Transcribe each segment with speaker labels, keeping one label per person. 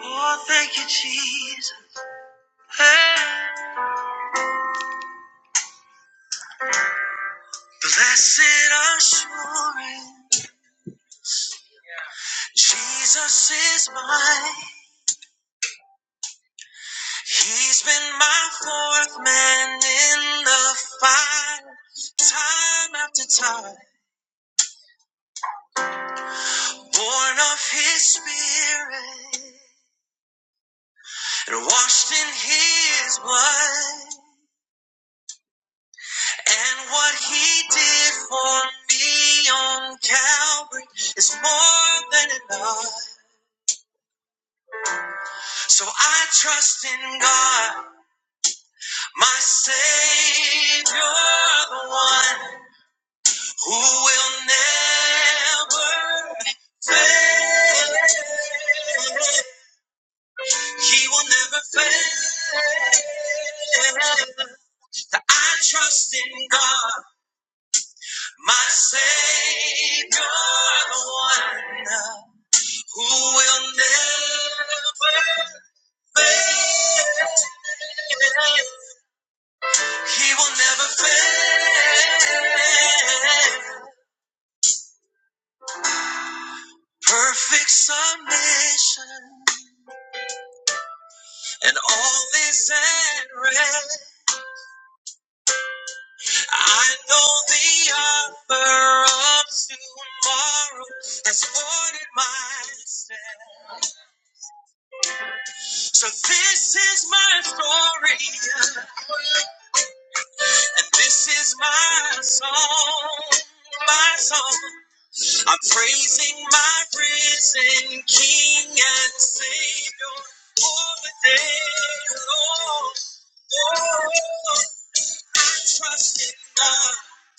Speaker 1: Oh, thank you, Jesus. Hey. Blessed assurance, Jesus is mine. He's been my fourth man in the fight, time after time. Born of His Spirit and washed in His blood. And what he did for me on Calvary is more than enough. So I trust in God. My Savior, the one who will never fail. He will never fail. I trust in God, my Savior, the one who will never fail. He will never fail. Perfect submission and all is at rest. I know the author of tomorrow has ordered my steps. So this is my story. and This is my song, my song. I'm praising my risen King and Savior all the day long. Oh, I trust in God.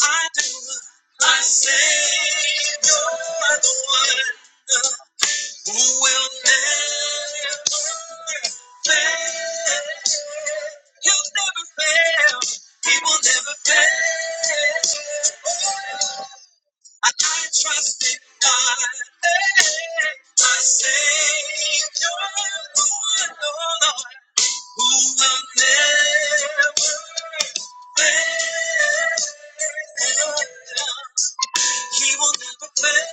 Speaker 1: I do. My Savior, the one who will never fail. He'll never fail. He will never fail. Oh, I trust in God, my Savior, who Lord, who will never fail. He will never fail.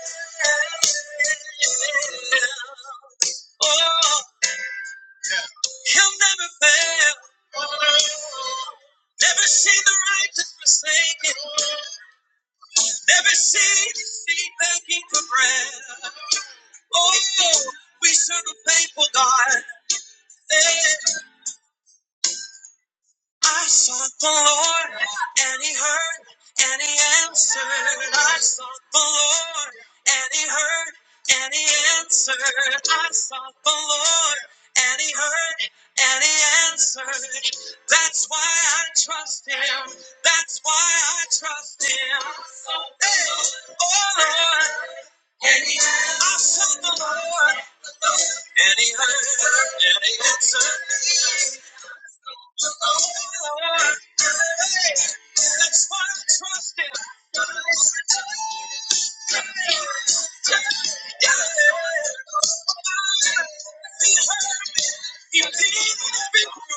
Speaker 1: Oh, he'll never fail. Never see the righteous forsaken. Never see the seed begging for bread. Oh, we serve a faithful God. Yeah. I sought the Lord, and He heard, and He answered. I sought the Lord, and He heard, and He answered. I sought the Lord, and He heard, and He answered. That's why I trust Him. That's why I trust Him. Hey, oh Lord, and He answered. I sought the Lord. And he heard her, and he answered me. oh, Lord, that's why I trust him. He leads me everybody.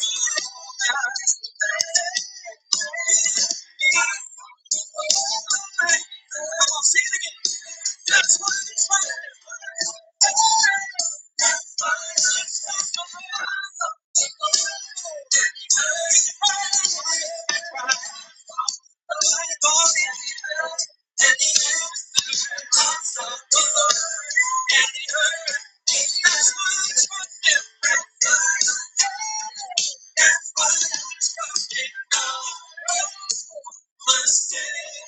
Speaker 1: And he answered the voice of the Lord. And he heard. That's why I trust him. My Savior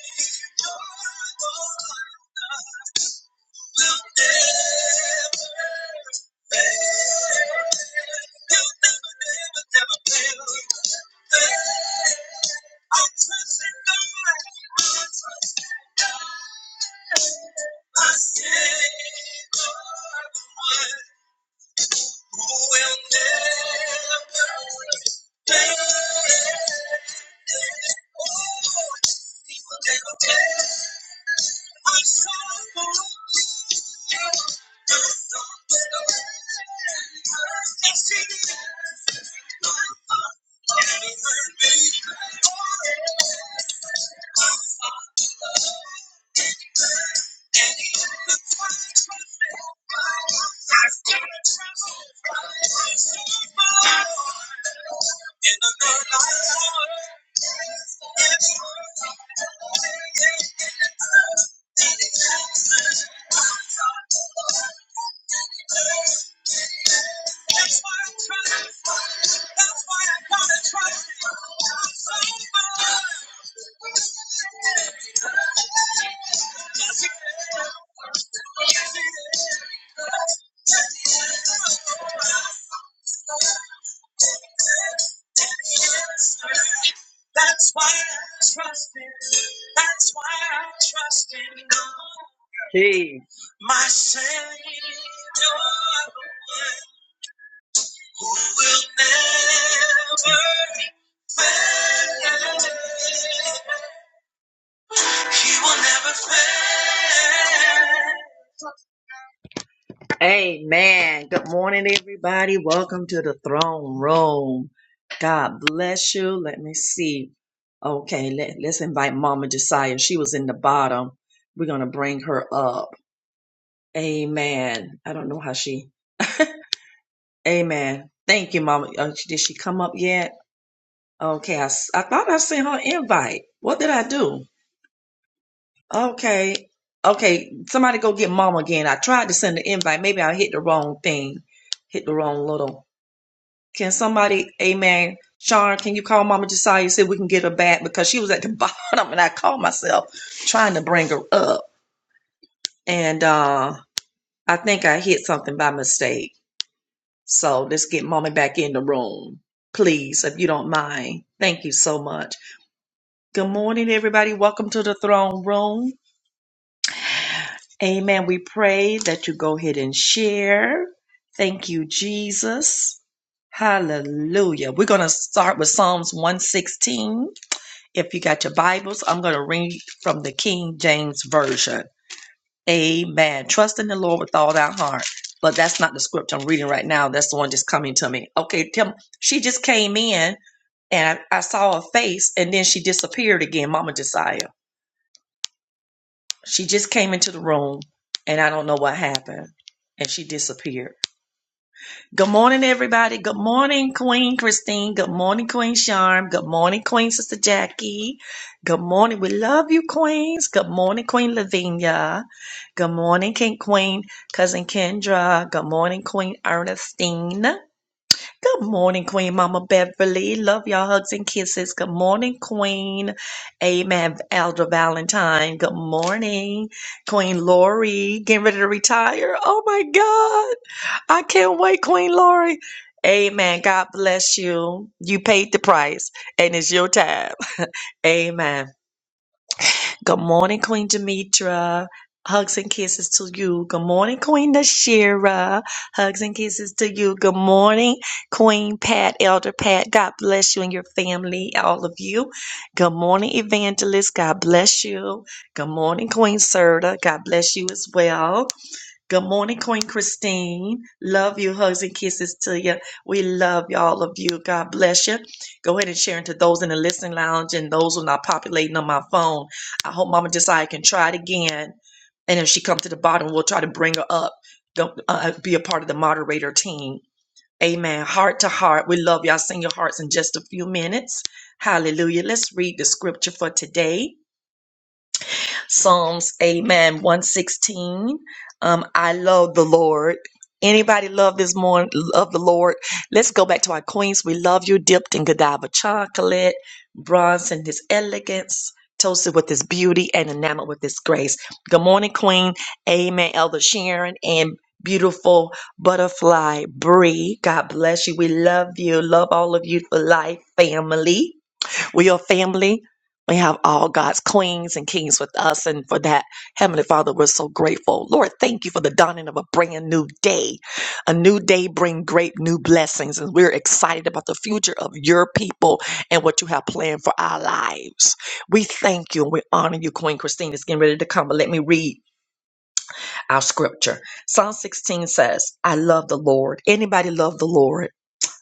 Speaker 1: Lord, will never, never, never, never fail. I'll take up my Savior who will never fail. My Savior, Yes, it is. That's why I trust him. That's why I trust in God. Hey. My Savior, who will never fail. He will never fail. God, surely. Okay, let, let's invite Mama Josiah. She was, um, we're going to bring her up. And I don't know how she Amen. Thank you, Mama. Uh, she- did she come up yet? Okay, I, s- I thought I sent her invite. What did I do? Okay, okay. Somebody go get Mama again. I tried to send the invite. Maybe I hit the wrong thing. Hit the wrong little. Can somebody, Amen? Sharon, can you call Mama Josiah? See if we can get her back because she was at the bottom, and I called myself trying to bring her up, and uh I think I hit something by mistake. So let's get mommy back in the room, please, if you don't mind. Thank you so much. Good morning, everybody. Welcome to the throne room. Amen. We pray that you go ahead and share. Thank you, Jesus. Hallelujah. We're going to start with Psalms 116. If you got your Bibles, I'm going to read from the King James Version. Amen. Trust in the Lord with all thy heart. But that's not the scripture I'm reading right now. That's the one just coming to me. Okay, Tim, she just came in and I, I saw her face and then she disappeared again mama desire she just came into the room and i don't know what happened and she disappeared good morning everybody good morning queen christine good morning queen charm good morning queen sister jackie good morning we love you queens good morning queen lavinia good morning king queen cousin kendra good morning queen ernestine Good morning, Queen Mama Beverly. Love y'all. Hugs and kisses. Good morning, Queen. Amen. Elder Valentine. Good morning, Queen Lori. Getting ready to retire. Oh my God. I can't wait, Queen Lori. Amen. God bless you. You paid the price and it's your time. Amen. Good morning, Queen Demetra. Hugs and kisses to you. Good morning, Queen Nashira. Hugs and kisses to you. Good morning, Queen Pat, Elder Pat. God bless you and your family, all of you. Good morning, Evangelist. God bless you. Good morning, Queen Serta. God bless you as well. Good morning, Queen Christine. Love you. Hugs and kisses to you. We love you, all of you. God bless you. Go ahead and share into those in the listening lounge and those who are not populating on my phone. I hope Mama Josiah can try it again. And if she comes to the bottom, we'll try to bring her up. Don't uh, be a part of the moderator team. Amen. Heart to heart. We love y'all. Sing your hearts in just a few minutes. Hallelujah. Let's read the scripture for today. Psalms, amen, 116. Um, I love the Lord. Anybody love this morning? Love the Lord. Let's go back to our queens. We love you, dipped in Godiva chocolate, bronze in his elegance, toasted with his beauty, and enamored with his grace. Good morning, Queen. Amen, Elder Sharon, and beautiful butterfly Bree. God bless you. We love you. Love all of you for life, family. We are family. We have all God's queens and kings with us. And for that, Heavenly Father, we're so grateful. Lord, thank you for the dawning of a brand new day. A new day bring great new blessings. And we're excited about the future of your people and what you have planned for our lives. We thank you and we honor you, Queen Christine. It's getting ready to come. But let me read our scripture. Psalm 16 says, I love the Lord. Anybody love the Lord?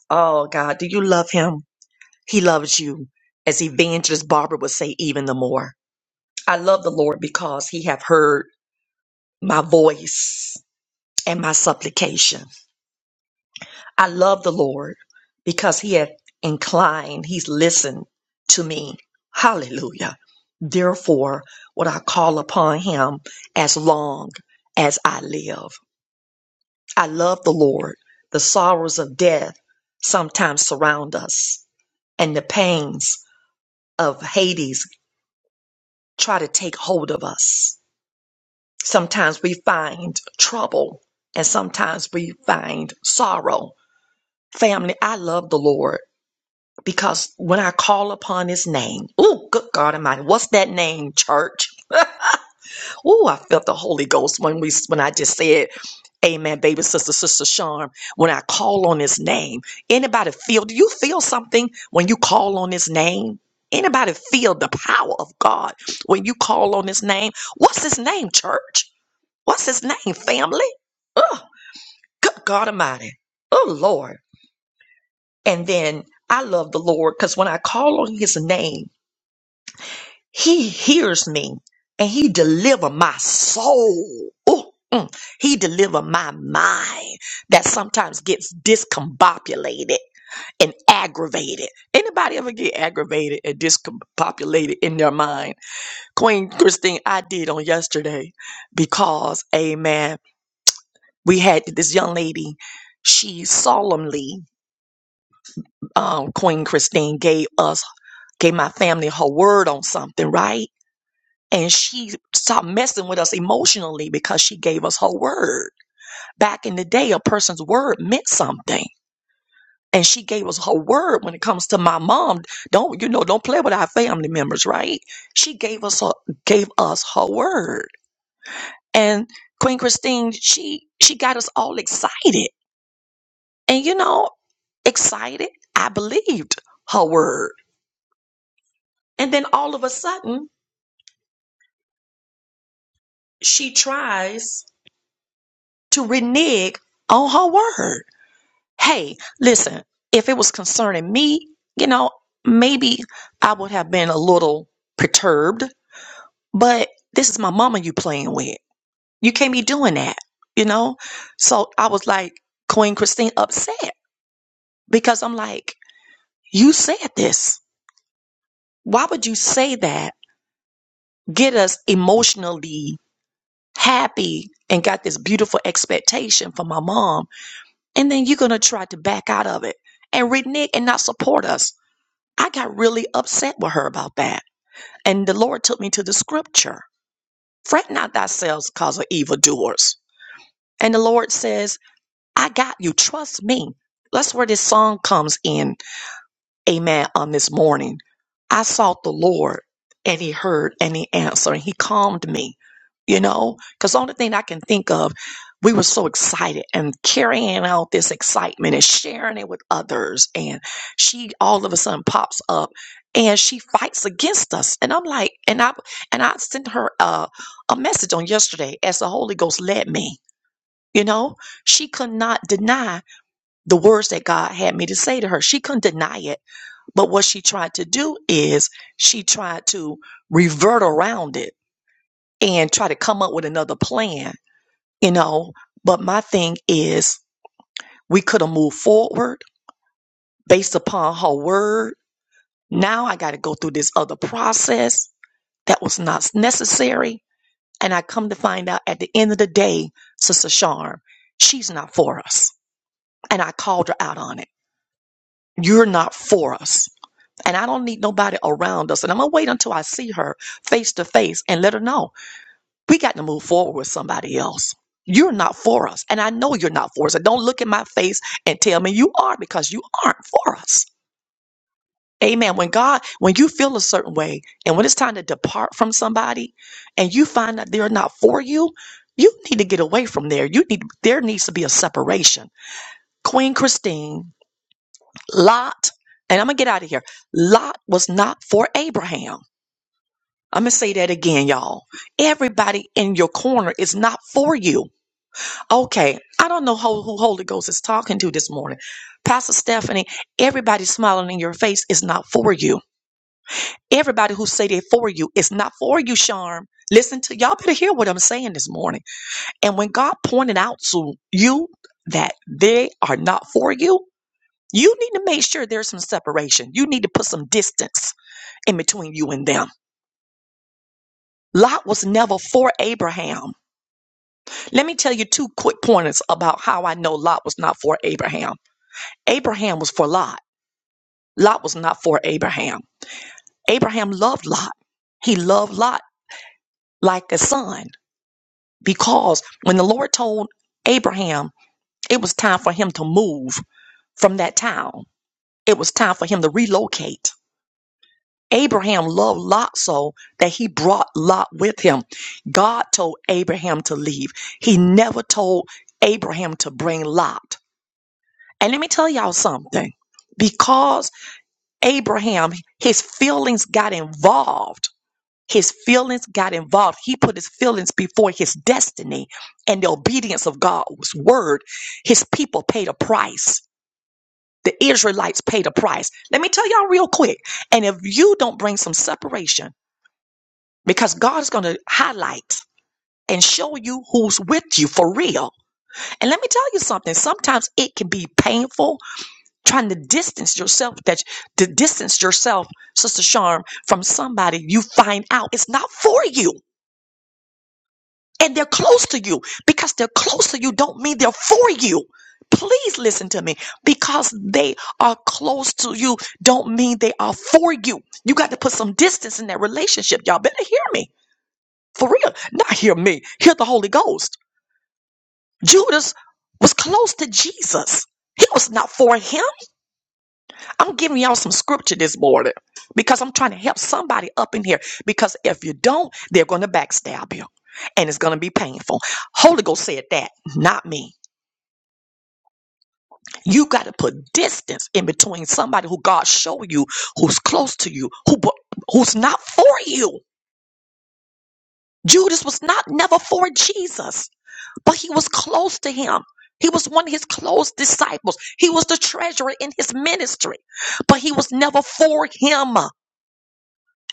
Speaker 1: Oh God, do you love him? He loves you, as Evangelist Barbara would say, even the more. I love the Lord because he have heard my voice and my supplication. I love the Lord because he hath inclined, he's listened to me. Hallelujah. Therefore, would I call upon him as long as I live. I love the Lord. The sorrows of death sometimes surround us and the pains of Hades try to take hold of us. Sometimes we find trouble and sometimes we find sorrow. Family, I love the Lord because when I call upon his name, oh, good God Almighty, what's that name, church? Oh, I felt the Holy Ghost when we when I just said, Amen, baby sister, sister Charm. When I call on his name, anybody feel, do you feel something when you call on his name? Anybody feel the power of God when you call on his name? What's his name, church? What's his name, family? Oh, good God Almighty. Oh, Lord. And then I love the Lord because when I call on his name, he hears me and he deliver my soul. Ooh, mm. He deliver my mind that sometimes gets discombobulated and aggravated. Anybody ever get aggravated and discombobulated in their mind? Queen Christine, I did on yesterday because, amen. we had this young lady she solemnly um, queen christine gave us gave my family her word on something right and she stopped messing with us emotionally because she gave us her word back in the day a person's word meant something and she gave us her word when it comes to my mom don't you know don't play with our family members right she gave us her, gave us her word and queen christine she she got us all excited and you know excited. I believed her word. And then all of a sudden, she tries to renege on her word. Hey, listen, if it was concerning me, you know, maybe I would have been a little perturbed, but this is my mama you playing with. You can't be doing that, you know? So I was like, Queen Christine upset because I'm like, you said this. Why would you say that? Get us emotionally happy and got this beautiful expectation from my mom. And then you're going to try to back out of it and renege and not support us. I got really upset with her about that. And the Lord took me to the scripture fret not thyself because of evildoers. And the Lord says, I got you. Trust me. That's where this song comes in amen, on this morning. I sought the Lord and he heard and he answered and he calmed me, you know, because the only thing I can think of, we were so excited and carrying out this excitement and sharing it with others. And she all of a sudden pops up and she fights against us. And I'm like, and I, and I sent her a, a message on yesterday as the Holy Ghost led me, you know, she could not deny the words that God had me to say to her. She couldn't deny it but what she tried to do is she tried to revert around it and try to come up with another plan, you know. But my thing is, we could have moved forward based upon her word. Now I got to go through this other process that was not necessary. And I come to find out at the end of the day, Sister Sharm, she's not for us. And I called her out on it. You're not for us And I don't need nobody around us. And I'm going to wait until I see her face to face and let her know we got to move forward with somebody else. You're not for us. And I know you're not for us. And don't look in my face and tell me you are because you aren't for us. Amen. When God, when you feel a certain way and when it's time to depart from somebody and you find that they're not for you, you need to get away from there. You need, there needs to be a separation. Queen Christine, Lot, and I'm going to get out of here. Lot was not for Abraham. I'm gonna say that again, y'all. Everybody in your corner is not for you. Okay, I don't know who, who Holy Ghost is talking to this morning. Pastor Stephanie, everybody smiling in your face is not for you. Everybody who say they for you is not for you, Sharm. Listen to y'all better hear what I'm saying this morning. And when God pointed out to you that they are not for you, you need to make sure there's some separation. You need to put some distance in between you and them. Lot was never for Abraham. Let me tell you two quick pointers about how I know Lot was not for Abraham. Abraham was for Lot. Lot was not for Abraham. Abraham loved Lot. He loved Lot like a son because when the Lord told Abraham it was time for him to move from that town, it was time for him to relocate. Abraham loved Lot so that he brought Lot with him. God told Abraham to leave. He never told Abraham to bring Lot. And let me tell y'all something. Because Abraham, his feelings got involved. His feelings got involved. He put his feelings before his destiny and the obedience of God's word. His people paid a price. The Israelites paid a price. Let me tell y'all real quick. And if you don't bring some separation, because God is going to highlight and show you who's with you for real. And let me tell you something. Sometimes it can be painful trying to distance yourself that to distance yourself sister charm from somebody you find out it's not for you and they're close to you because they're close to you don't mean they're for you please listen to me because they are close to you don't mean they are for you you got to put some distance in that relationship y'all better hear me for real not hear me hear the holy ghost judas was close to jesus he was not for him I'm giving y'all some scripture this morning because I'm trying to help somebody up in here. Because if you don't, they're going to backstab you and it's going to be painful. Holy Ghost said that, not me. You got to put distance in between somebody who God show you, who's close to you, who bu- who's not for you. Judas was not never for Jesus, but he was close to him. He was one of his close disciples. He was the treasurer in his ministry, but he was never for him.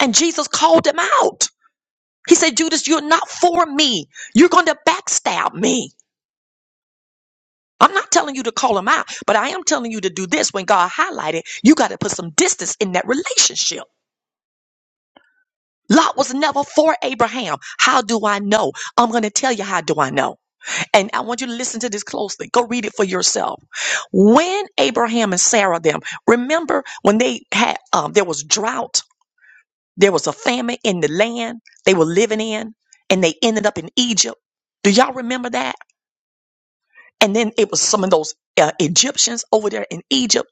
Speaker 1: And Jesus called them out. He said, Judas, you're not for me. You're going to backstab me. I'm not telling you to call him out, but I am telling you to do this when God highlighted, you got to put some distance in that relationship. Lot was never for Abraham. How do I know? I'm going to tell you how do I know. And I want you to listen to this closely. Go read it for yourself. When Abraham and Sarah them, remember when they had um there was drought There was a famine in the land they were living in, and they ended up in Egypt. Do y'all remember that? And then it was some of those uh, Egyptians over there in Egypt.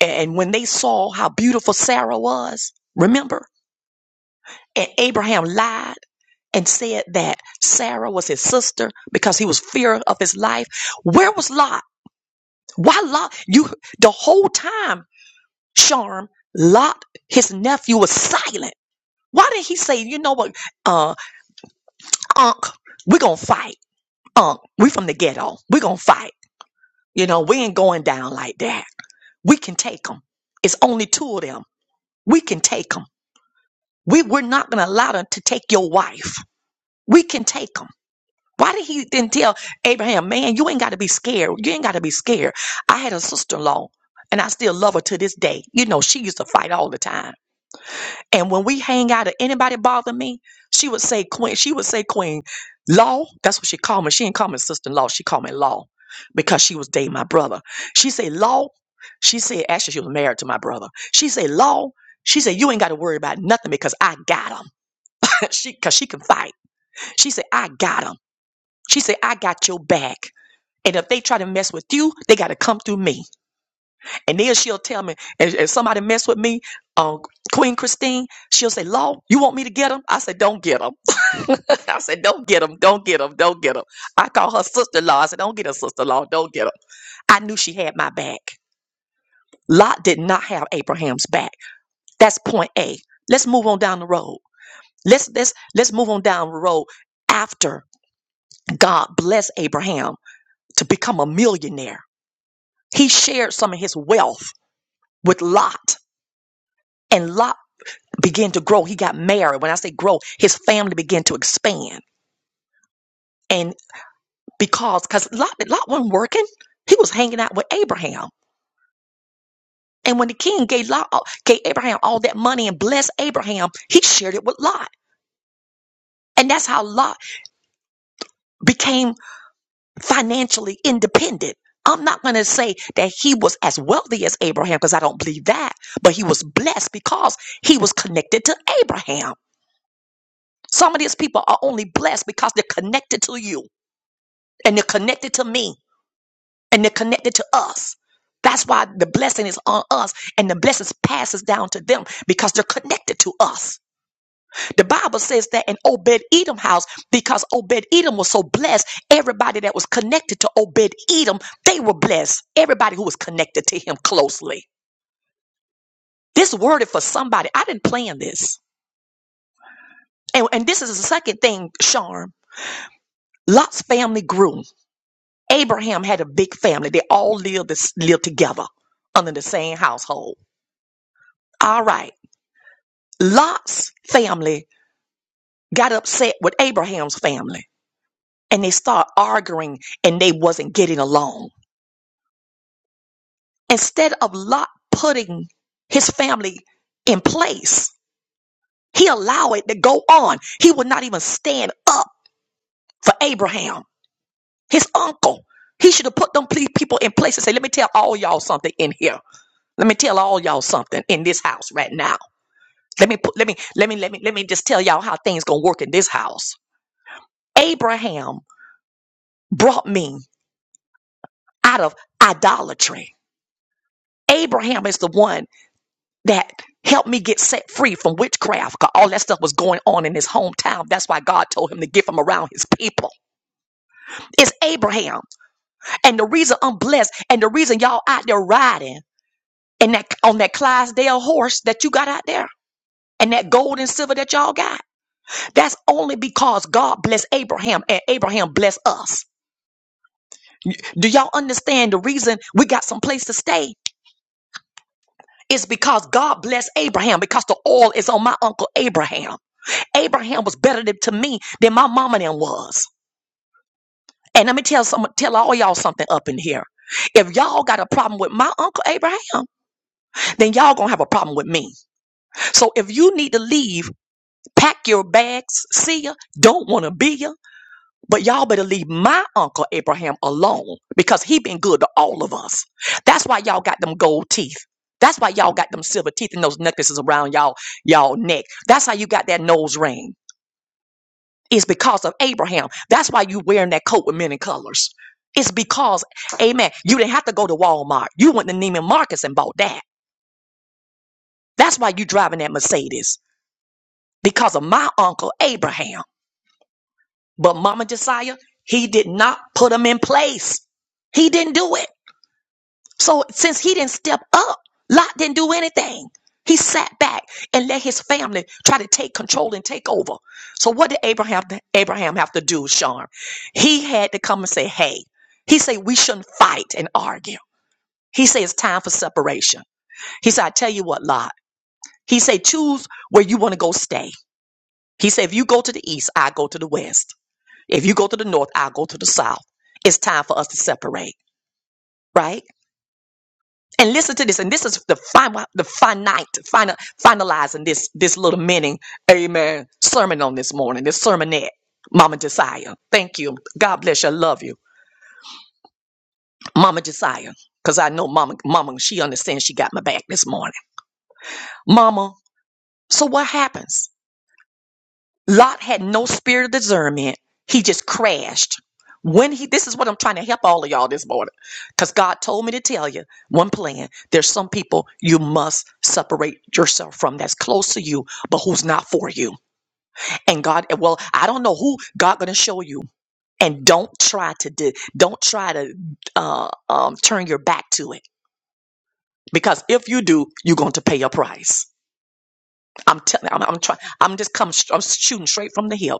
Speaker 1: And when they saw how beautiful Sarah was, remember? And Abraham lied and said that Sarah was his sister because he was fear of his life. Where was Lot? Why Lot? You the whole time, Charm, Lot, his nephew was silent. Why did he say, you know what, uh, Unc, we're gonna fight? Unk, we from the ghetto. We gonna fight. You know, we ain't going down like that. We can take them. It's only two of them. We can take them. We, we're not gonna allow them to take your wife. We can take them. Why did he then tell Abraham, man, you ain't gotta be scared. You ain't gotta be scared. I had a sister-in-law and I still love her to this day. You know, she used to fight all the time. And when we hang out, if anybody bother me, she would say Queen. She would say Queen Law. That's what she called me. She didn't call me Sister Law. She called me Law because she was dating my brother. She said Law. She said actually she was married to my brother. She said Law. She said you ain't got to worry about nothing because I got him. she because she can fight. She said I got him. She said I got your back. And if they try to mess with you, they got to come through me. And then she'll tell me, and if somebody mess with me, um, Queen Christine, she'll say, Law, you want me to get him? I said, don't get him. I said, don't get him, don't get him, don't get him. I call her sister-in-law. I said, don't get her sister-in-law, don't get him. I knew she had my back. Lot did not have Abraham's back. That's point A. Let's move on down the road. Let's let's let's move on down the road after God blessed Abraham to become a millionaire. He shared some of his wealth with Lot. And Lot began to grow. He got married. When I say grow, his family began to expand. And because, because Lot, Lot wasn't working, he was hanging out with Abraham. And when the king gave Lot, gave Abraham all that money and blessed Abraham, he shared it with Lot. And that's how Lot became financially independent. I'm not going to say that he was as wealthy as Abraham because I don't believe that, but he was blessed because he was connected to Abraham. Some of these people are only blessed because they're connected to you and they're connected to me and they're connected to us. That's why the blessing is on us and the blessings passes down to them because they're connected to us. The Bible says that in Obed Edom house, because Obed Edom was so blessed, everybody that was connected to Obed Edom, they were blessed. Everybody who was connected to him closely. This worded for somebody. I didn't plan this. And, and this is the second thing, Charm. Lot's family grew. Abraham had a big family. They all lived, lived together under the same household. All right. Lot's family got upset with Abraham's family and they start arguing and they wasn't getting along. Instead of Lot putting his family in place, he allowed it to go on. He would not even stand up for Abraham, his uncle. He should have put them ple- people in place and say, "Let me tell all y'all something in here. Let me tell all y'all something in this house right now. Let me put, let me let me let me let me just tell y'all how things gonna work in this house." Abraham brought me out of idolatry. Abraham is the one that helped me get set free from witchcraft because all that stuff was going on in his hometown. That's why God told him to get from around his people. It's Abraham. And the reason I'm blessed and the reason y'all out there riding and that on that Clydesdale horse that you got out there and that gold and silver that y'all got, that's only because God blessed Abraham and Abraham blessed us. Do y'all understand the reason we got some place to stay? It's because God blessed Abraham because the oil is on my uncle Abraham. Abraham was better than, to me than my mama and them was. And let me tell some, tell all y'all something up in here. If y'all got a problem with my uncle Abraham, then y'all gonna have a problem with me. So if you need to leave, pack your bags. See ya. Don't wanna be ya But y'all better leave my uncle Abraham alone because he been good to all of us. That's why y'all got them gold teeth. That's why y'all got them silver teeth and those necklaces around y'all y'all neck. That's how you got that nose ring. It's because of Abraham. That's why you wearing that coat with many colors. It's because, Amen. You didn't have to go to Walmart. You went to Neiman Marcus and bought that. That's why you driving that Mercedes because of my uncle Abraham. But Mama Josiah, he did not put them in place. He didn't do it. So since he didn't step up, Lot didn't do anything. He sat back and let his family try to take control and take over. So what did Abraham Abraham have to do, Sean? He had to come and say, "Hey." He said, "We shouldn't fight and argue." He said, "It's time for separation." He said, "I tell you what, Lot." He said, "Choose where you want to go stay." He said, "If you go to the east, I go to the west. If you go to the north, I go to the south. It's time for us to separate." Right? And listen to this, and this is the final, the finite, final, finalizing this this little mini, amen, sermon on this morning, this sermonette, Mama Josiah. Thank you. God bless you. I love you, Mama Josiah, because I know Mama, Mama, she understands she got my back this morning. Mama, so what happens? Lot had no spirit of discernment. He just crashed. When he, this is what I'm trying to help all of y'all this morning, because God told me to tell you one plan. There's some people you must separate yourself from that's close to you, but who's not for you. And God, well, I don't know who God gonna show you. And don't try to di- don't try to uh, um, turn your back to it, because if you do, you're going to pay a price. I'm telling, I'm, I'm trying, I'm just coming, I'm shooting straight from the hip.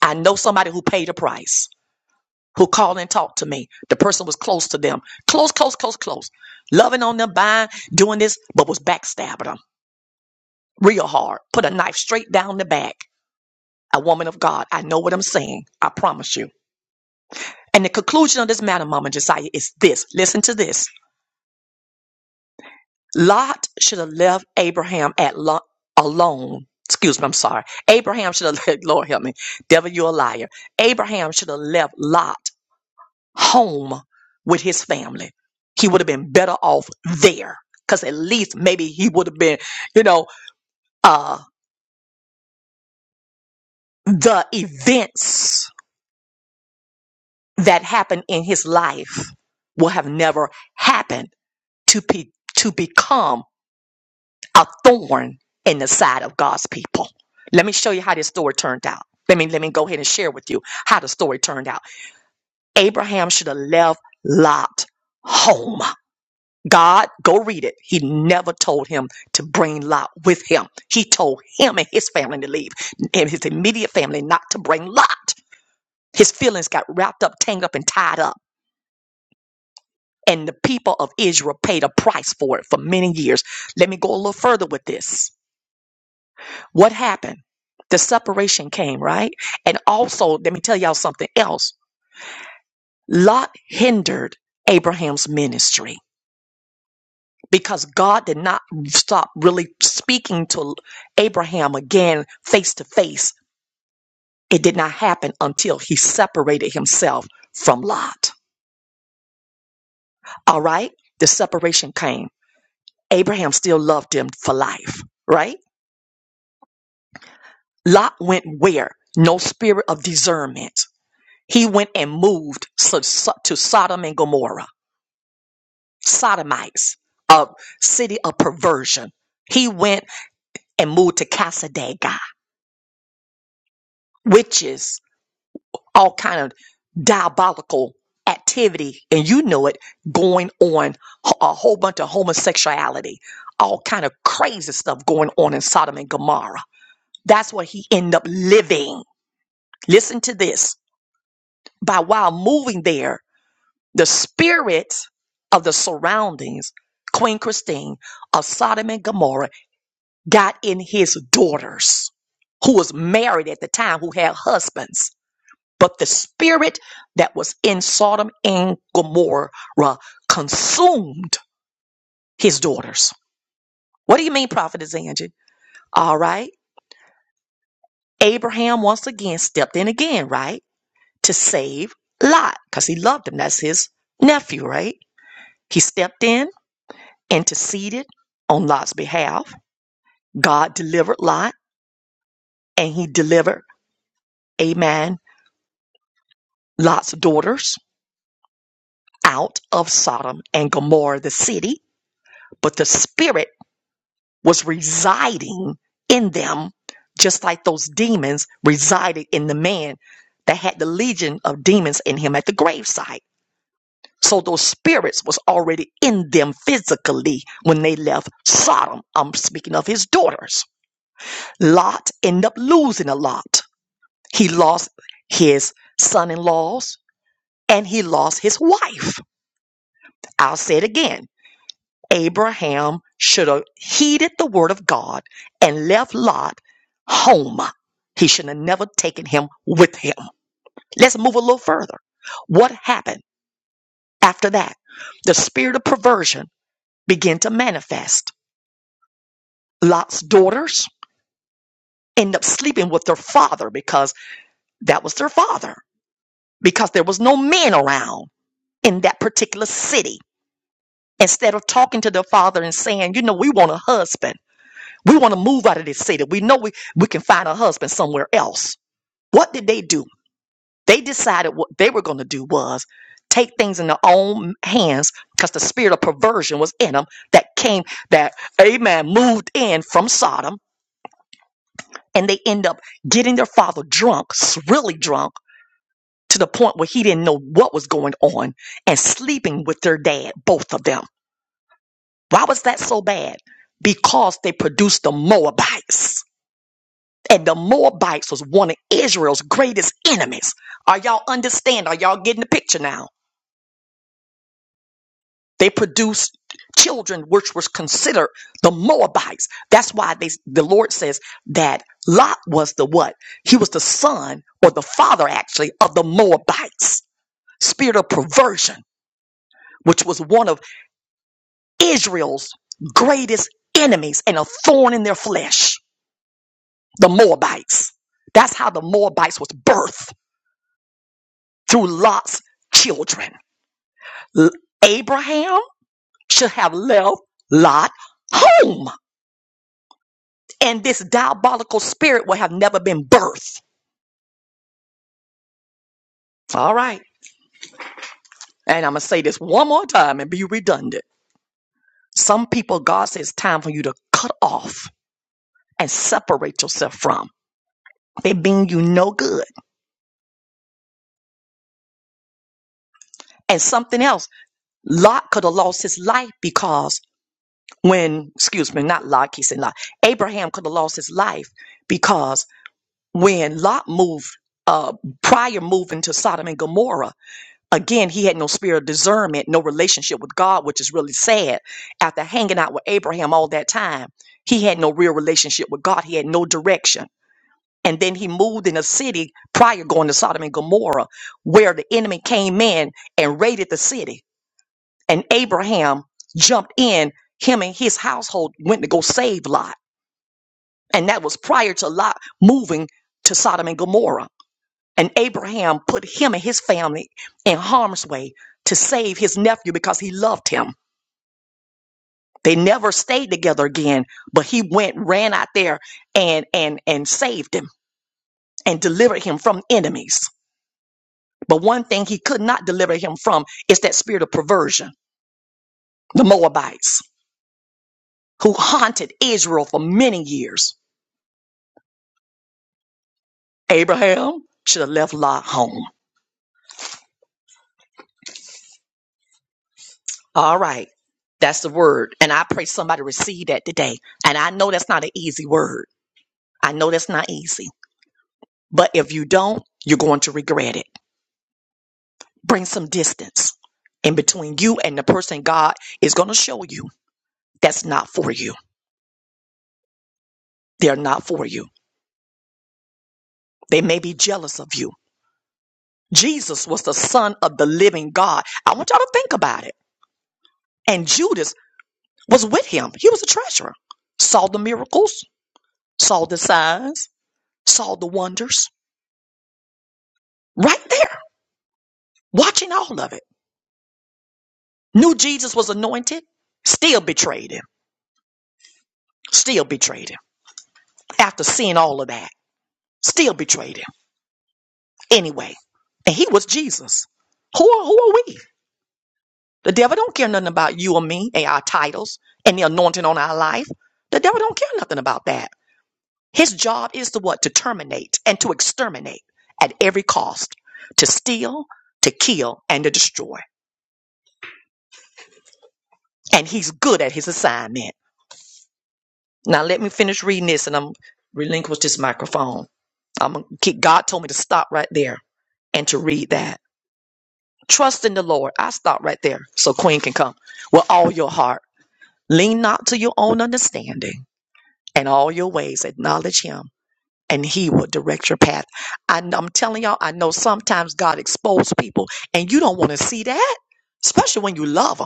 Speaker 1: I know somebody who paid a price who called and talked to me. The person was close to them, close, close, close, close, loving on them, buying, doing this, but was backstabbing them real hard. Put a knife straight down the back. A woman of God, I know what I'm saying. I promise you. And the conclusion of this matter, Mama Josiah, is this. Listen to this. Lot should have left Abraham at lo- alone. Excuse me, I'm sorry. Abraham should have left, Lord help me. Devil, you're a liar. Abraham should have left Lot home with his family. He would have been better off there because at least maybe he would have been, you know, uh, the events that happened in his life will have never happened to be, to become a thorn in the side of God's people. Let me show you how this story turned out. Let me, let me go ahead and share with you how the story turned out. Abraham should have left Lot home God, go read it. He never told him to bring Lot with him. He told him and his family to leave, and his immediate family not to bring Lot. His feelings got wrapped up, tangled up, and tied up. And the people of Israel paid a price for it for many years. Let me go a little further with this. What happened? The separation came, right? And also, let me tell y'all something else. Lot hindered Abraham's ministry. because God did not stop really speaking to Abraham again face to face. It did not happen until he separated himself from Lot. All right? The separation came. Abraham still loved him for life, right? Lot went where? No spirit of discernment. He went and moved so- so- to Sodom and Gomorrah, Sodomites, a city of perversion. He went and moved to Casadega, witches, all kind of diabolical activity and you know it going on h- a whole bunch of homosexuality all kind of crazy stuff going on in sodom and gomorrah that's what he ended up living listen to this by while moving there the spirit of the surroundings queen christine of sodom and gomorrah got in his daughters who was married at the time who had husbands But the spirit that was in Sodom and Gomorrah consumed his daughters. What do you mean, Prophetess Angie? All right. Abraham once again stepped in again, right? To save Lot, because he loved him. That's his nephew, right? He stepped in, interceded on Lot's behalf. God delivered Lot, and he delivered, amen, Lot's daughters out of Sodom and Gomorrah, the city. But the spirit was residing in them, just like those demons resided in the man that had the legion of demons in him at the gravesite. So those spirits was already in them physically when they left Sodom. I'm speaking of his daughters. Lot ended up losing a lot. He lost his son-in-laws and he lost his wife. I'll say it again Abraham should have heeded the word of God and left Lot home. He should have never taken him with him. Let's move a little further. What happened after that? The spirit of perversion began to manifest. Lot's daughters end up sleeping with their father because that was their father, because there was no men around in that particular city. Instead of talking to their father and saying, you know, we want a husband We want to move out of this city. We know we, we can find a husband somewhere else. What did they do? They decided what they were going to do was take things in their own hands because the spirit of perversion was in them that came, that, amen, moved in from Sodom. And they end up getting their father drunk, s- really drunk, to the point where he didn't know what was going on and sleeping with their dad, both of them. Why was that so bad? Because they produced the Moabites. And the Moabites was one of Israel's greatest enemies. Are y'all understand? Are y'all getting the picture now? They produced children which was considered the Moabites. That's why they, the Lord says that Lot was the what? He was the son or the father actually of the Moabites. Spirit of perversion, which was one of Israel's greatest enemies and a thorn in their flesh. The Moabites. That's how the Moabites was birthed through Lot's children. L- Abraham should have left Lot home, and this diabolical spirit would have never been birthed. All right. And I'm going to say this one more time and be redundant. Some people, God says, time for you to cut off and separate yourself from. They mean you no good. And something else, Lot could have lost his life because when, excuse me, not Lot, he said Lot, Abraham could have lost his life because when Lot moved, uh, prior moving to Sodom and Gomorrah, Again, he had no spirit of discernment, no relationship with God, which is really sad. After hanging out with Abraham all that time, he had no real relationship with God. He had no direction. And then he moved in a city prior going to Sodom and Gomorrah, where the enemy came in and raided the city. And Abraham jumped in. Him and his household went to go save Lot. And that was prior to Lot moving to Sodom and Gomorrah. And Abraham put him and his family in harm's way to save his nephew because he loved him. They never stayed together again, but he went, ran out there and and and saved him and delivered him from enemies. But one thing he could not deliver him from is that spirit of perversion, the Moabites, who haunted Israel for many years. Abraham should have left Lot home. All right. That's the word. And I pray somebody receive that today. And I know that's not an easy word I know that's not easy, but if you don't, you're going to regret it. Bring some distance in between you and the person God is going to show you that's not for you. They're not for you. They may be jealous of you. Jesus was the son of the living God. I want y'all to think about it. And Judas was with him. He was a treasurer. Saw the miracles, saw the signs, saw the wonders right there, watching all of it. Knew Jesus was anointed, still betrayed him. Still betrayed him. after seeing all of that, still betrayed him anyway. And he was Jesus. Who are, who are we? The devil don't care nothing about you or me and our titles and the anointing on our life. The devil don't care nothing about that. His job is to what? To terminate and to exterminate at every cost, to steal, to kill, and to destroy. And he's good at his assignment. Now let me finish reading this and I'm relinquish this microphone. I'm gonna keep, God told me to stop right there and to read that. Trust in the Lord. I stop right there so Queen can come with all your heart. Lean not to your own understanding and all your ways. Acknowledge Him and He will direct your path. I, am telling y'all, I know sometimes God exposes people and you don't want to see that, especially when you love them.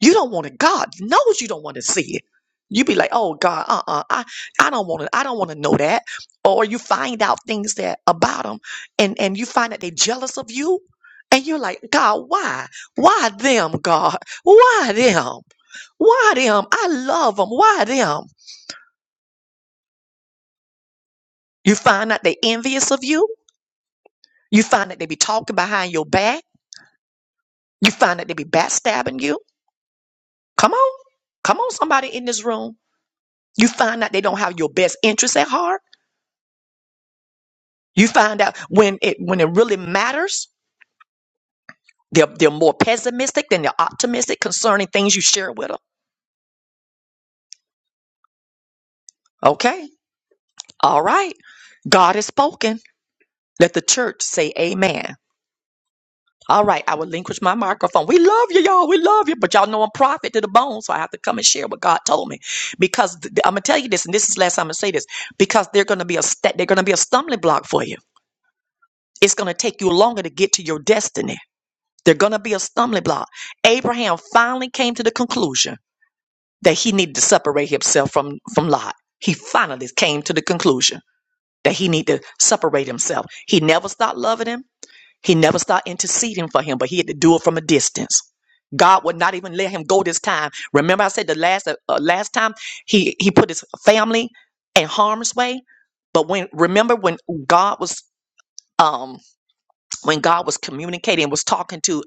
Speaker 1: You don't want it. God knows you don't want to see it. You be like, oh God, uh-uh, I, I don't want to, I don't want to know that. Or you find out things that about them and, and you find that they jealous of you. And you're like, God, why? Why them, God? Why them? Why them? I love them. Why them? You find out they envious of you. You find that they be talking behind your back. You find that they be backstabbing you. Come on. Come on, somebody in this room. You find out they don't have your best interest at heart You find out when it when it really matters, they're they're more pessimistic than they're optimistic concerning things you share with them. Okay, all right. God has spoken. Let the church say Amen. All right, I relinquish my microphone. We love you, y'all. We love you, but y'all know I'm prophet to the bone, so I have to come and share what God told me. Because th- I'm gonna tell you this, and this is the last time I'm gonna say this, because they're gonna be a st- they're gonna be a stumbling block for you. It's gonna take you longer to get to your destiny. They're gonna be a stumbling block. Abraham finally came to the conclusion that he needed to separate himself from, from Lot. He finally came to the conclusion that he needed to separate himself. He never stopped loving him. He never stopped interceding for him, but he had to do it from a distance. God would not even let him go this time. Remember, I said the last uh, uh, last time he he put his family in harm's way. But when remember when God was um when God was communicating and was talking to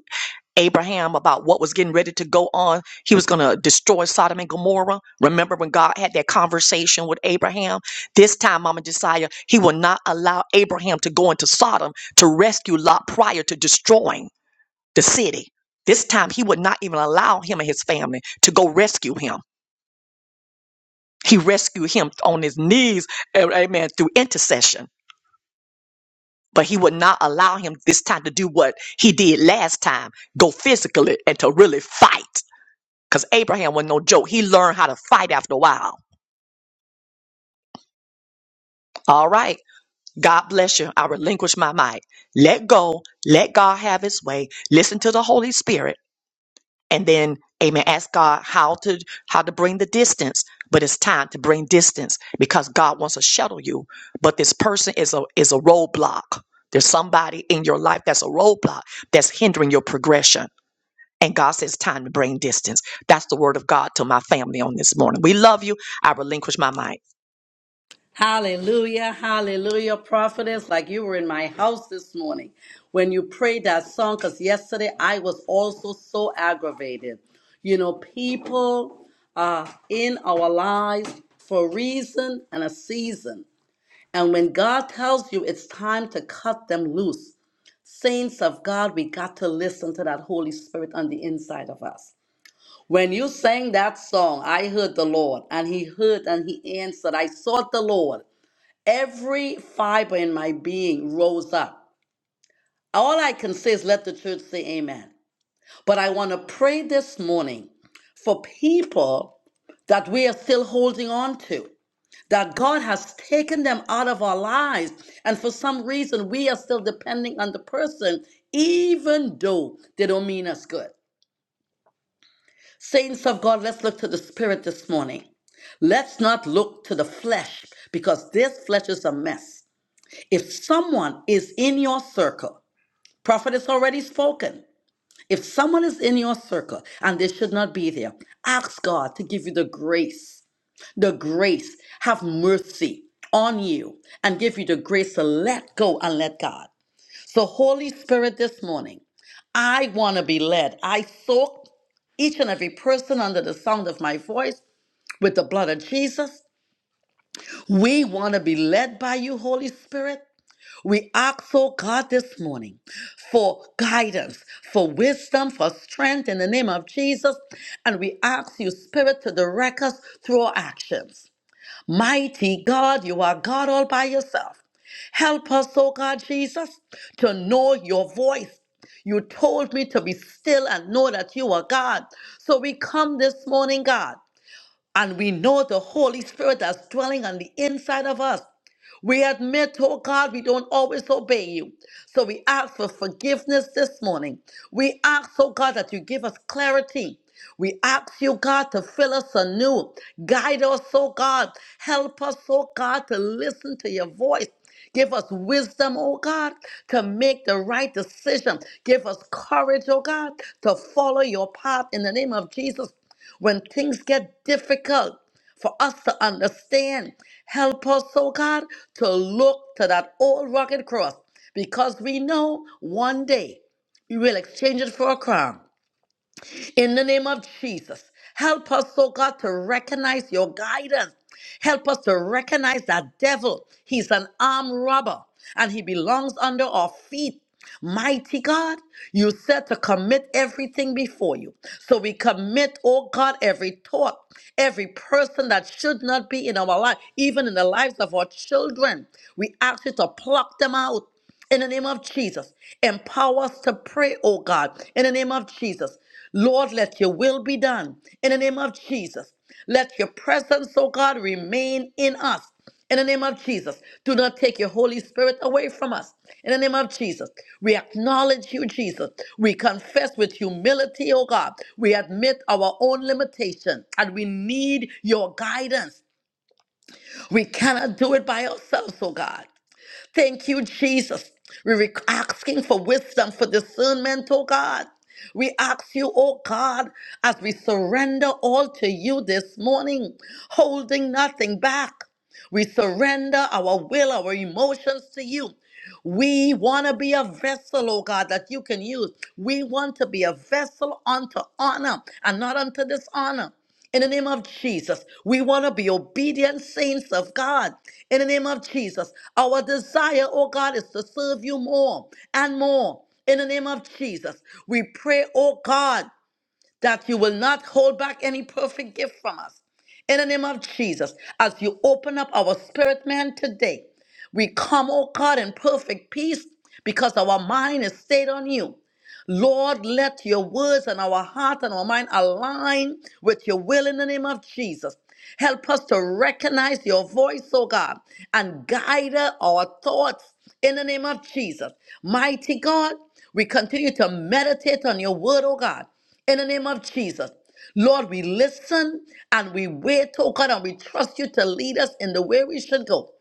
Speaker 1: Abraham about what was getting ready to go on. He was going to destroy Sodom and Gomorrah. Remember when God had that conversation with Abraham? This time, Mama Josiah, he will not allow Abraham to go into Sodom to rescue Lot prior to destroying the city. This time, he would not even allow him and his family to go rescue him. He rescued him on his knees, a- amen, through intercession. But he would not allow him this time to do what he did last time go physically and to really fight. Because Abraham wasn't no joke. He learned how to fight after a while. All right. God bless you. I relinquish my mic. Let go. Let God have his way. Listen to the Holy Spirit. And then, amen, ask God how to how to bring the distance. But it's time to bring distance because God wants to shuttle you. But this person is a is a roadblock. There's somebody in your life that's a roadblock that's hindering your progression. And God says time to bring distance. That's the word of God to my family on this morning. We love you. I relinquish my mic.
Speaker 2: Hallelujah, hallelujah, prophetess, like you were in my house this morning when you prayed that song, because yesterday I was also so aggravated. You know, people are in our lives for a reason and a season. And when God tells you it's time to cut them loose, saints of God, we got to listen to that Holy Spirit on the inside of us. When you sang that song, I heard the Lord, and He heard and He answered. I sought the Lord Every fiber in my being rose up. All I can say is let the church say amen. But I want to pray this morning for people that we are still holding on to, that God has taken them out of our lives. And for some reason, we are still depending on the person, even though they don't mean us good. Saints of God, let's look to the Spirit this morning. Let's not look to the flesh because this flesh is a mess. If someone is in your circle, prophet has already spoken. If someone is in your circle and they should not be there, ask God to give you the grace, the grace, have mercy on you and give you the grace to let go and let God. So, Holy Spirit, this morning, I want to be led. I soak each and every person under the sound of my voice with the blood of Jesus. We want to be led by you, Holy Spirit. We ask, oh God, this morning for guidance, for wisdom, for strength in the name of Jesus. And we ask you, Spirit, to direct us through our actions. Mighty God, you are God all by yourself. Help us, oh God, Jesus, to know your voice. You told me to be still and know that you are God. So we come this morning, God, and we know the Holy Spirit that's dwelling on the inside of us. We admit, oh God, we don't always obey you. So we ask for forgiveness this morning. We ask, oh God, that you give us clarity. We ask you, God, to fill us anew. Guide us, oh God. Help us, oh God, to listen to your voice. Give us wisdom, oh God, to make the right decision. Give us courage, oh God, to follow your path in the name of Jesus. When things get difficult, for us to understand. Help us, oh God, to look to that old rugged cross because we know one day we will exchange it for a crown. In the name of Jesus, help us, oh God, to recognize your guidance. Help us to recognize that devil, he's an armed robber and he belongs under our feet. Mighty God, you said to commit everything before you. So we commit, oh God, every thought, every person that should not be in our life, even in the lives of our children. We ask you to pluck them out in the name of Jesus. Empower us to pray, oh God, in the name of Jesus. Lord, let your will be done in the name of Jesus. Let your presence, oh God, remain in us in the name of Jesus. Do not take your Holy Spirit away from us in the name of Jesus. We acknowledge you, Jesus. We confess with humility, oh God. We admit our own limitation and we need your guidance. We cannot do it by ourselves, oh God. Thank you, Jesus. We're asking for wisdom, for discernment, oh God. We ask you, oh God, as we surrender all to you this morning, holding nothing back. We surrender our will, our emotions to you. We want to be a vessel, oh God, that you can use. We want to be a vessel unto honor and not unto dishonor. In the name of Jesus, we want to be obedient saints of God. In the name of Jesus, our desire, oh God, is to serve you more and more. In the name of Jesus, we pray, oh God that you will not hold back any perfect gift from us. In the name of Jesus, as you open up our spirit man today, we come, oh God, in perfect peace because our mind is stayed on you. Lord, let your words and our heart and our mind align with your will in the name of Jesus. Help us to recognize your voice, oh God, and guide our thoughts in the name of Jesus. Mighty God, we continue to meditate on your word, oh God, in the name of Jesus. Lord, we listen and we wait, oh God, and we trust you to lead us in the way we should go.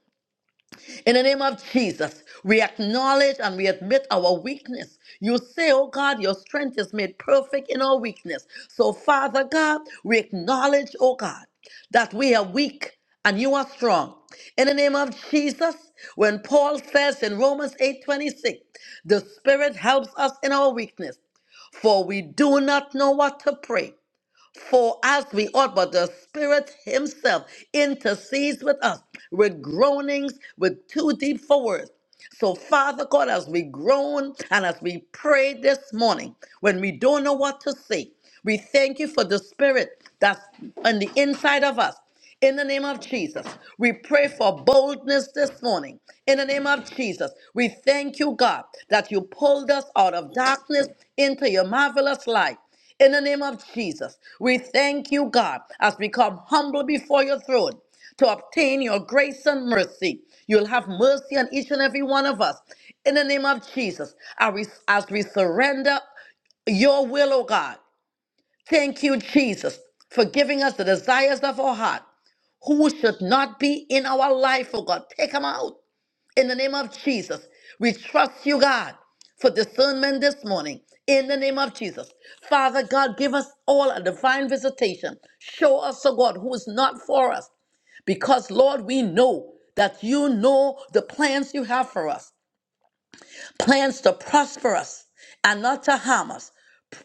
Speaker 2: In the name of Jesus, we acknowledge and we admit our weakness. You say, Oh God, your strength is made perfect in our weakness. So, Father God, we acknowledge, oh God, that we are weak and you are strong. In the name of Jesus, when Paul says in Romans 8 26, the Spirit helps us in our weakness, for we do not know what to pray for us we ought, but the Spirit Himself intercedes with us with groanings with too deep for words. So, Father God, as we groan and as we pray this morning, when we don't know what to say, we thank you for the Spirit that's on the inside of us. In the name of Jesus, we pray for boldness this morning. In the name of Jesus, we thank you, God, that you pulled us out of darkness into your marvelous light. In the name of Jesus, we thank you, God, as we come humble before your throne to obtain your grace and mercy. You'll have mercy on each and every one of us. In the name of Jesus, as we as we surrender your will, O God. Thank you, Jesus, for giving us the desires of our heart. Who should not be in our life, O God? Take them out. In the name of Jesus, we trust you, God, for discernment this morning. In the name of Jesus. Father God, give us all a divine visitation. Show us, oh God, who is not for us. Because, Lord, we know that you know the plans you have for us plans to prosper us and not to harm us,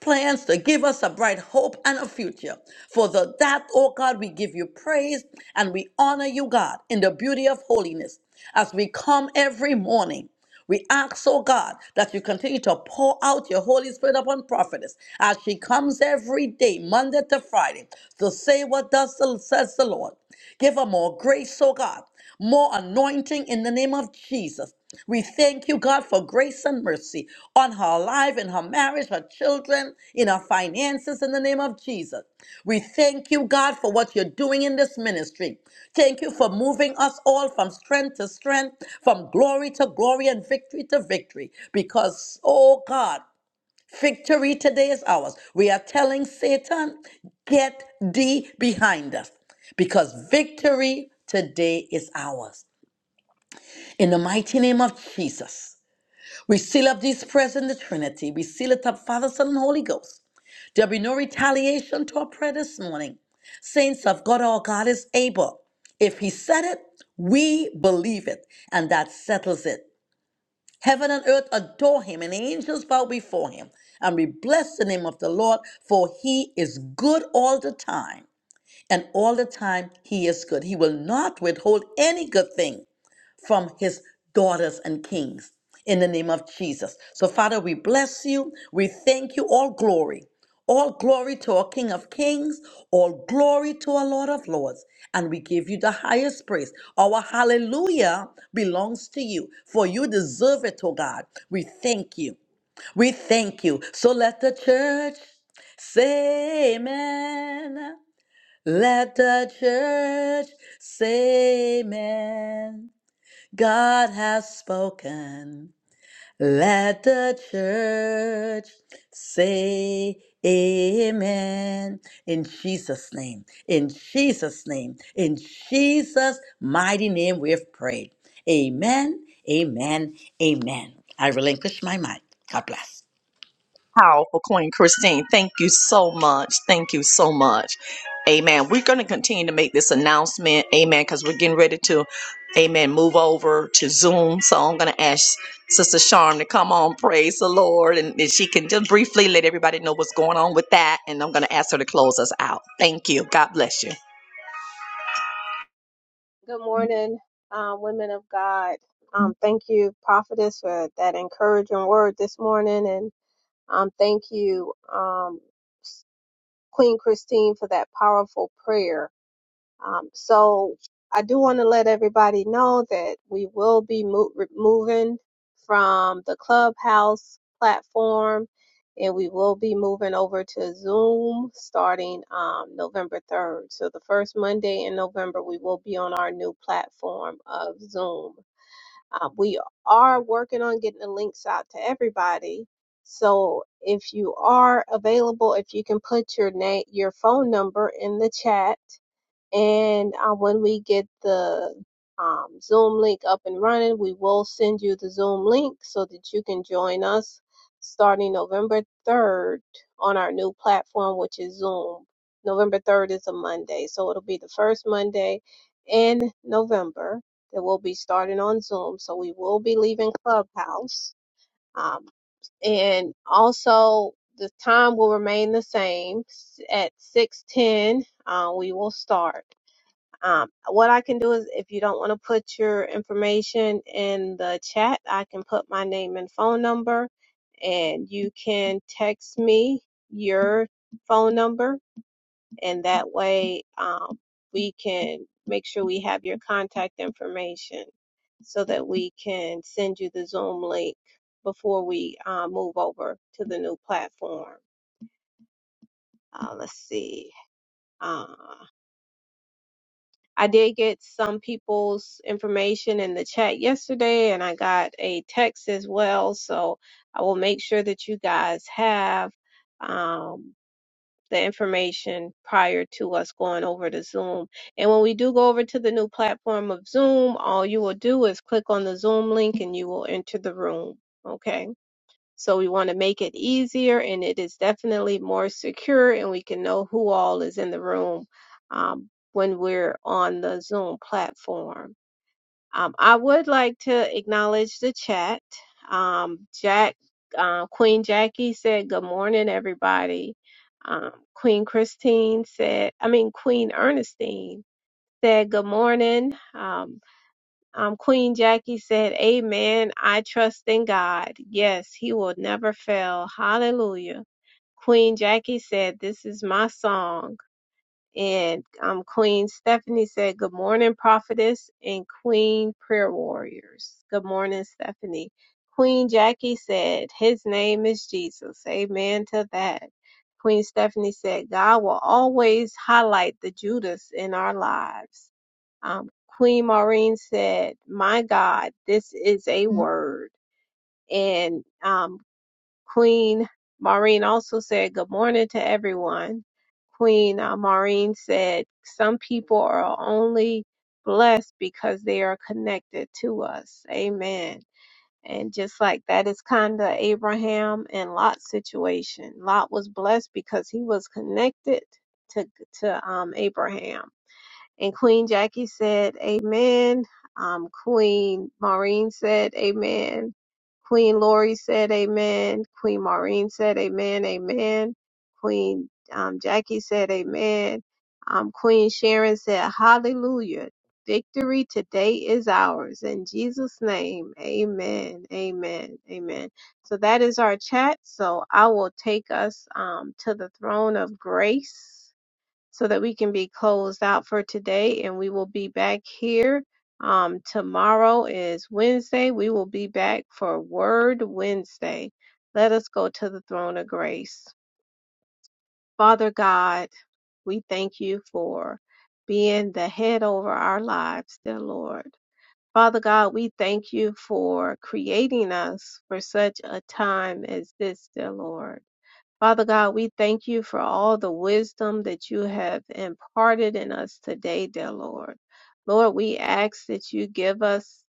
Speaker 2: plans to give us a bright hope and a future. For the, that, oh God, we give you praise and we honor you, God, in the beauty of holiness. As we come every morning, we ask, oh God, that you continue to pour out your Holy Spirit upon prophetess as she comes every day, Monday to Friday, to say what does the, says the Lord. Give her more grace, oh God, more anointing in the name of Jesus. We thank you, God, for grace and mercy on her life, in her marriage, her children, in her finances, in the name of Jesus. We thank you, God, for what you're doing in this ministry. Thank you for moving us all from strength to strength, from glory to glory, and victory to victory. Because, oh God, victory today is ours. We are telling Satan, get thee behind us, because victory today is ours. In the mighty name of Jesus. We seal up this prayers in the Trinity. We seal it up, Father, Son, and Holy Ghost. There'll be no retaliation to our prayer this morning. Saints of God, our God is able. If He said it, we believe it, and that settles it. Heaven and earth adore Him, and angels bow before Him. And we bless the name of the Lord, for He is good all the time. And all the time, He is good. He will not withhold any good thing from his daughters and kings in the name of Jesus. So, Father, we bless you. We thank you. All glory. All glory to our King of Kings. All glory to our Lord of Lords. And we give you the highest praise. Our hallelujah belongs to you, for you deserve it, oh God. We thank you. We thank you. So let the church say amen. Let the church say amen. God has spoken. Let the church say amen. In Jesus' name, in Jesus' name, in Jesus' mighty name, we've prayed. Amen, amen, amen. I relinquish my mind. God bless.
Speaker 1: Powerful Queen Christine. Thank you so much. Thank you so much. Amen. We're going to continue to make this announcement. Amen. Because we're getting ready to, amen, move over to Zoom. So I'm going to ask Sister Charm to come on. Praise the Lord. And if she can just briefly let everybody know what's going on with that. And I'm going to ask her to close us out. Thank you. God bless you.
Speaker 3: Good morning, uh, women of God. Um, thank you, prophetess, for that encouraging word this morning. And um, thank you, um, Queen Christine, for that powerful prayer. Um, so I do want to let everybody know that we will be mo- re- moving from the Clubhouse platform and we will be moving over to Zoom starting um, November 3rd. So the first Monday in November, we will be on our new platform of Zoom. Uh, we are working on getting the links out to everybody. So if you are available, if you can put your name, your phone number in the chat and uh, when we get the um, Zoom link up and running, we will send you the Zoom link so that you can join us starting November 3rd on our new platform, which is Zoom. November 3rd is a Monday, so it'll be the first Monday in November that we'll be starting on Zoom. So we will be leaving Clubhouse. Um, and also, the time will remain the same S- at 6:10. Uh, we will start. Um, what I can do is if you don't want to put your information in the chat, I can put my name and phone number, and you can text me your phone number, and that way um, we can make sure we have your contact information so that we can send you the Zoom link before we uh, move over to the new platform. Uh, let's see. uh, I did get some people's information in the chat yesterday, and I got a text as well. So I will make sure that you guys have um, the information prior to us going over to Zoom. And when we do go over to the new platform of Zoom, all you will do is click on the Zoom link and you will enter the room. Okay. So we want to make it easier and it is definitely more secure and we can know who all is in the room um, when we're on the Zoom platform. Um, I would like to acknowledge the chat. Um, Jack, uh, Queen Jackie said, good morning, everybody. Um, Queen Christine said, I mean, Queen Ernestine said, good morning. Um, um, Queen Jackie said, Amen. I trust in God. Yes, He will never fail. Hallelujah. Queen Jackie said, This is my song. And um, Queen Stephanie said, Good morning, prophetess and Queen prayer warriors. Good morning, Stephanie. Queen Jackie said, His name is Jesus. Amen to that. Queen Stephanie said, God will always highlight the Judas in our lives. Um, Queen Maureen said, My God, this is a word. And um, Queen Maureen also said, Good morning to everyone. Queen uh, Maureen said, Some people are only blessed because they are connected to us. Amen. And just like that is kind of Abraham and Lot's situation. Lot was blessed because he was connected to to um, Abraham and Queen Jackie said, Amen. Um, Queen Maureen said, Amen. Queen Lori said, Amen. Queen Maureen said, Amen, Amen. Queen um, Jackie said, Amen. Um, Queen Sharon said, Hallelujah. Victory today is ours. In Jesus' name, amen, amen, amen. So that is our chat. So I will take us um, to the throne of grace so that we can be closed out for today and we will be back here um tomorrow is Wednesday we will be back for word Wednesday let us go to the throne of grace father god we thank you for being the head over our lives dear lord father god we thank you for creating us for such a time as this dear lord Father God, we thank you for all the wisdom that you have imparted in us today, dear Lord. Lord, we ask that you give us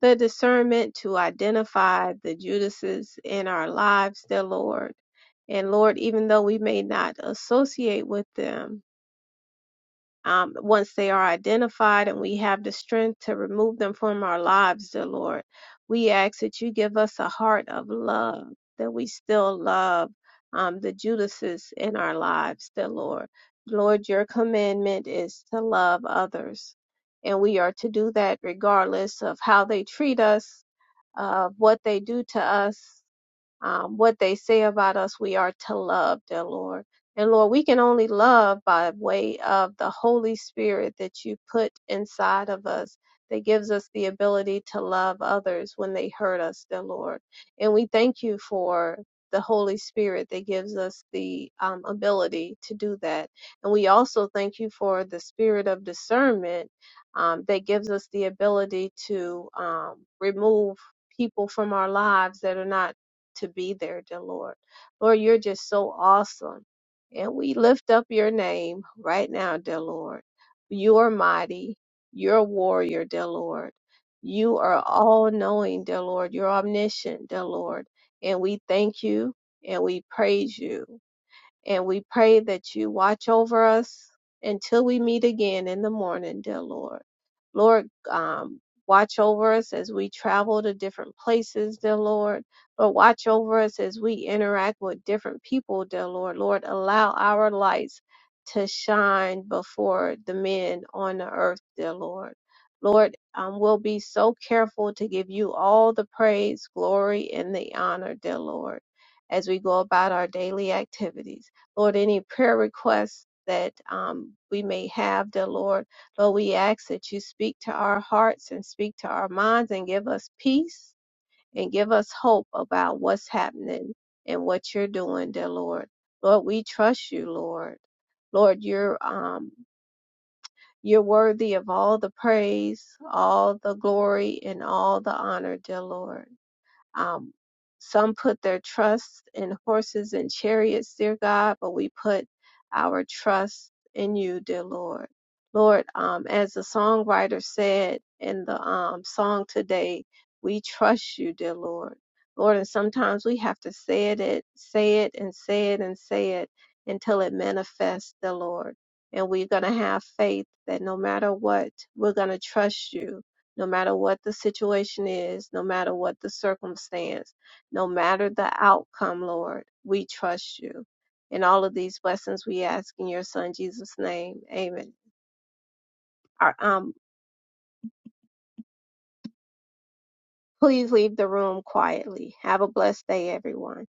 Speaker 3: the discernment to identify the Judases in our lives, dear Lord. And Lord, even though we may not associate with them, um, once they are identified and we have the strength to remove them from our lives, dear Lord. We ask that you give us a heart of love, that we still love um, the Judases in our lives, dear Lord. Lord, your commandment is to love others, and we are to do that regardless of how they treat us, of what they do to us um, what they say about us, we are to love, dear Lord. And Lord, we can only love by way of the Holy Spirit that you put inside of us that gives us the ability to love others when they hurt us, dear Lord. And we thank you for the Holy Spirit that gives us the um, ability to do that. And we also thank you for the spirit of discernment um, that gives us the ability to um, remove people from our lives that are not to be there, dear Lord. Lord, you're just so awesome. And we lift up your name right now, dear Lord. You're mighty. You're a warrior, dear Lord. You are all knowing, dear Lord. You're omniscient, dear Lord. And we thank you and we praise you. And we pray that you watch over us until we meet again in the morning, dear Lord. Lord, um, watch over us as we travel to different places, dear Lord. But watch over us as we interact with different people, dear Lord. Lord, allow our lights to shine before the men on the earth, dear Lord. Lord, um, we'll be so careful to give you all the praise, glory, and the honor, dear Lord, as we go about our daily activities. Lord, any prayer requests that um, we may have, dear Lord. Lord, we ask that you speak to our hearts and speak to our minds and give us peace and give us hope about what's happening and what you're doing, dear Lord. Lord, we trust you, Lord. Lord, you're um, you're worthy of all the praise, all the glory, and all the honor, dear Lord. Um, some put their trust in horses and chariots, dear God, but we put our trust in you, dear Lord. Lord, um, as the songwriter said in the um, song today, we trust you, dear Lord. Lord, and sometimes we have to say it, it, say it, and say it, and say it until it manifests, dear Lord. And we're going to have faith that no matter what, we're going to trust you no matter what the situation is, no matter what the circumstance, no matter the outcome, Lord, we trust you. And all of these blessings we ask in your son Jesus' name. Amen. Our- Um, please leave the room quietly. Have a blessed day, everyone.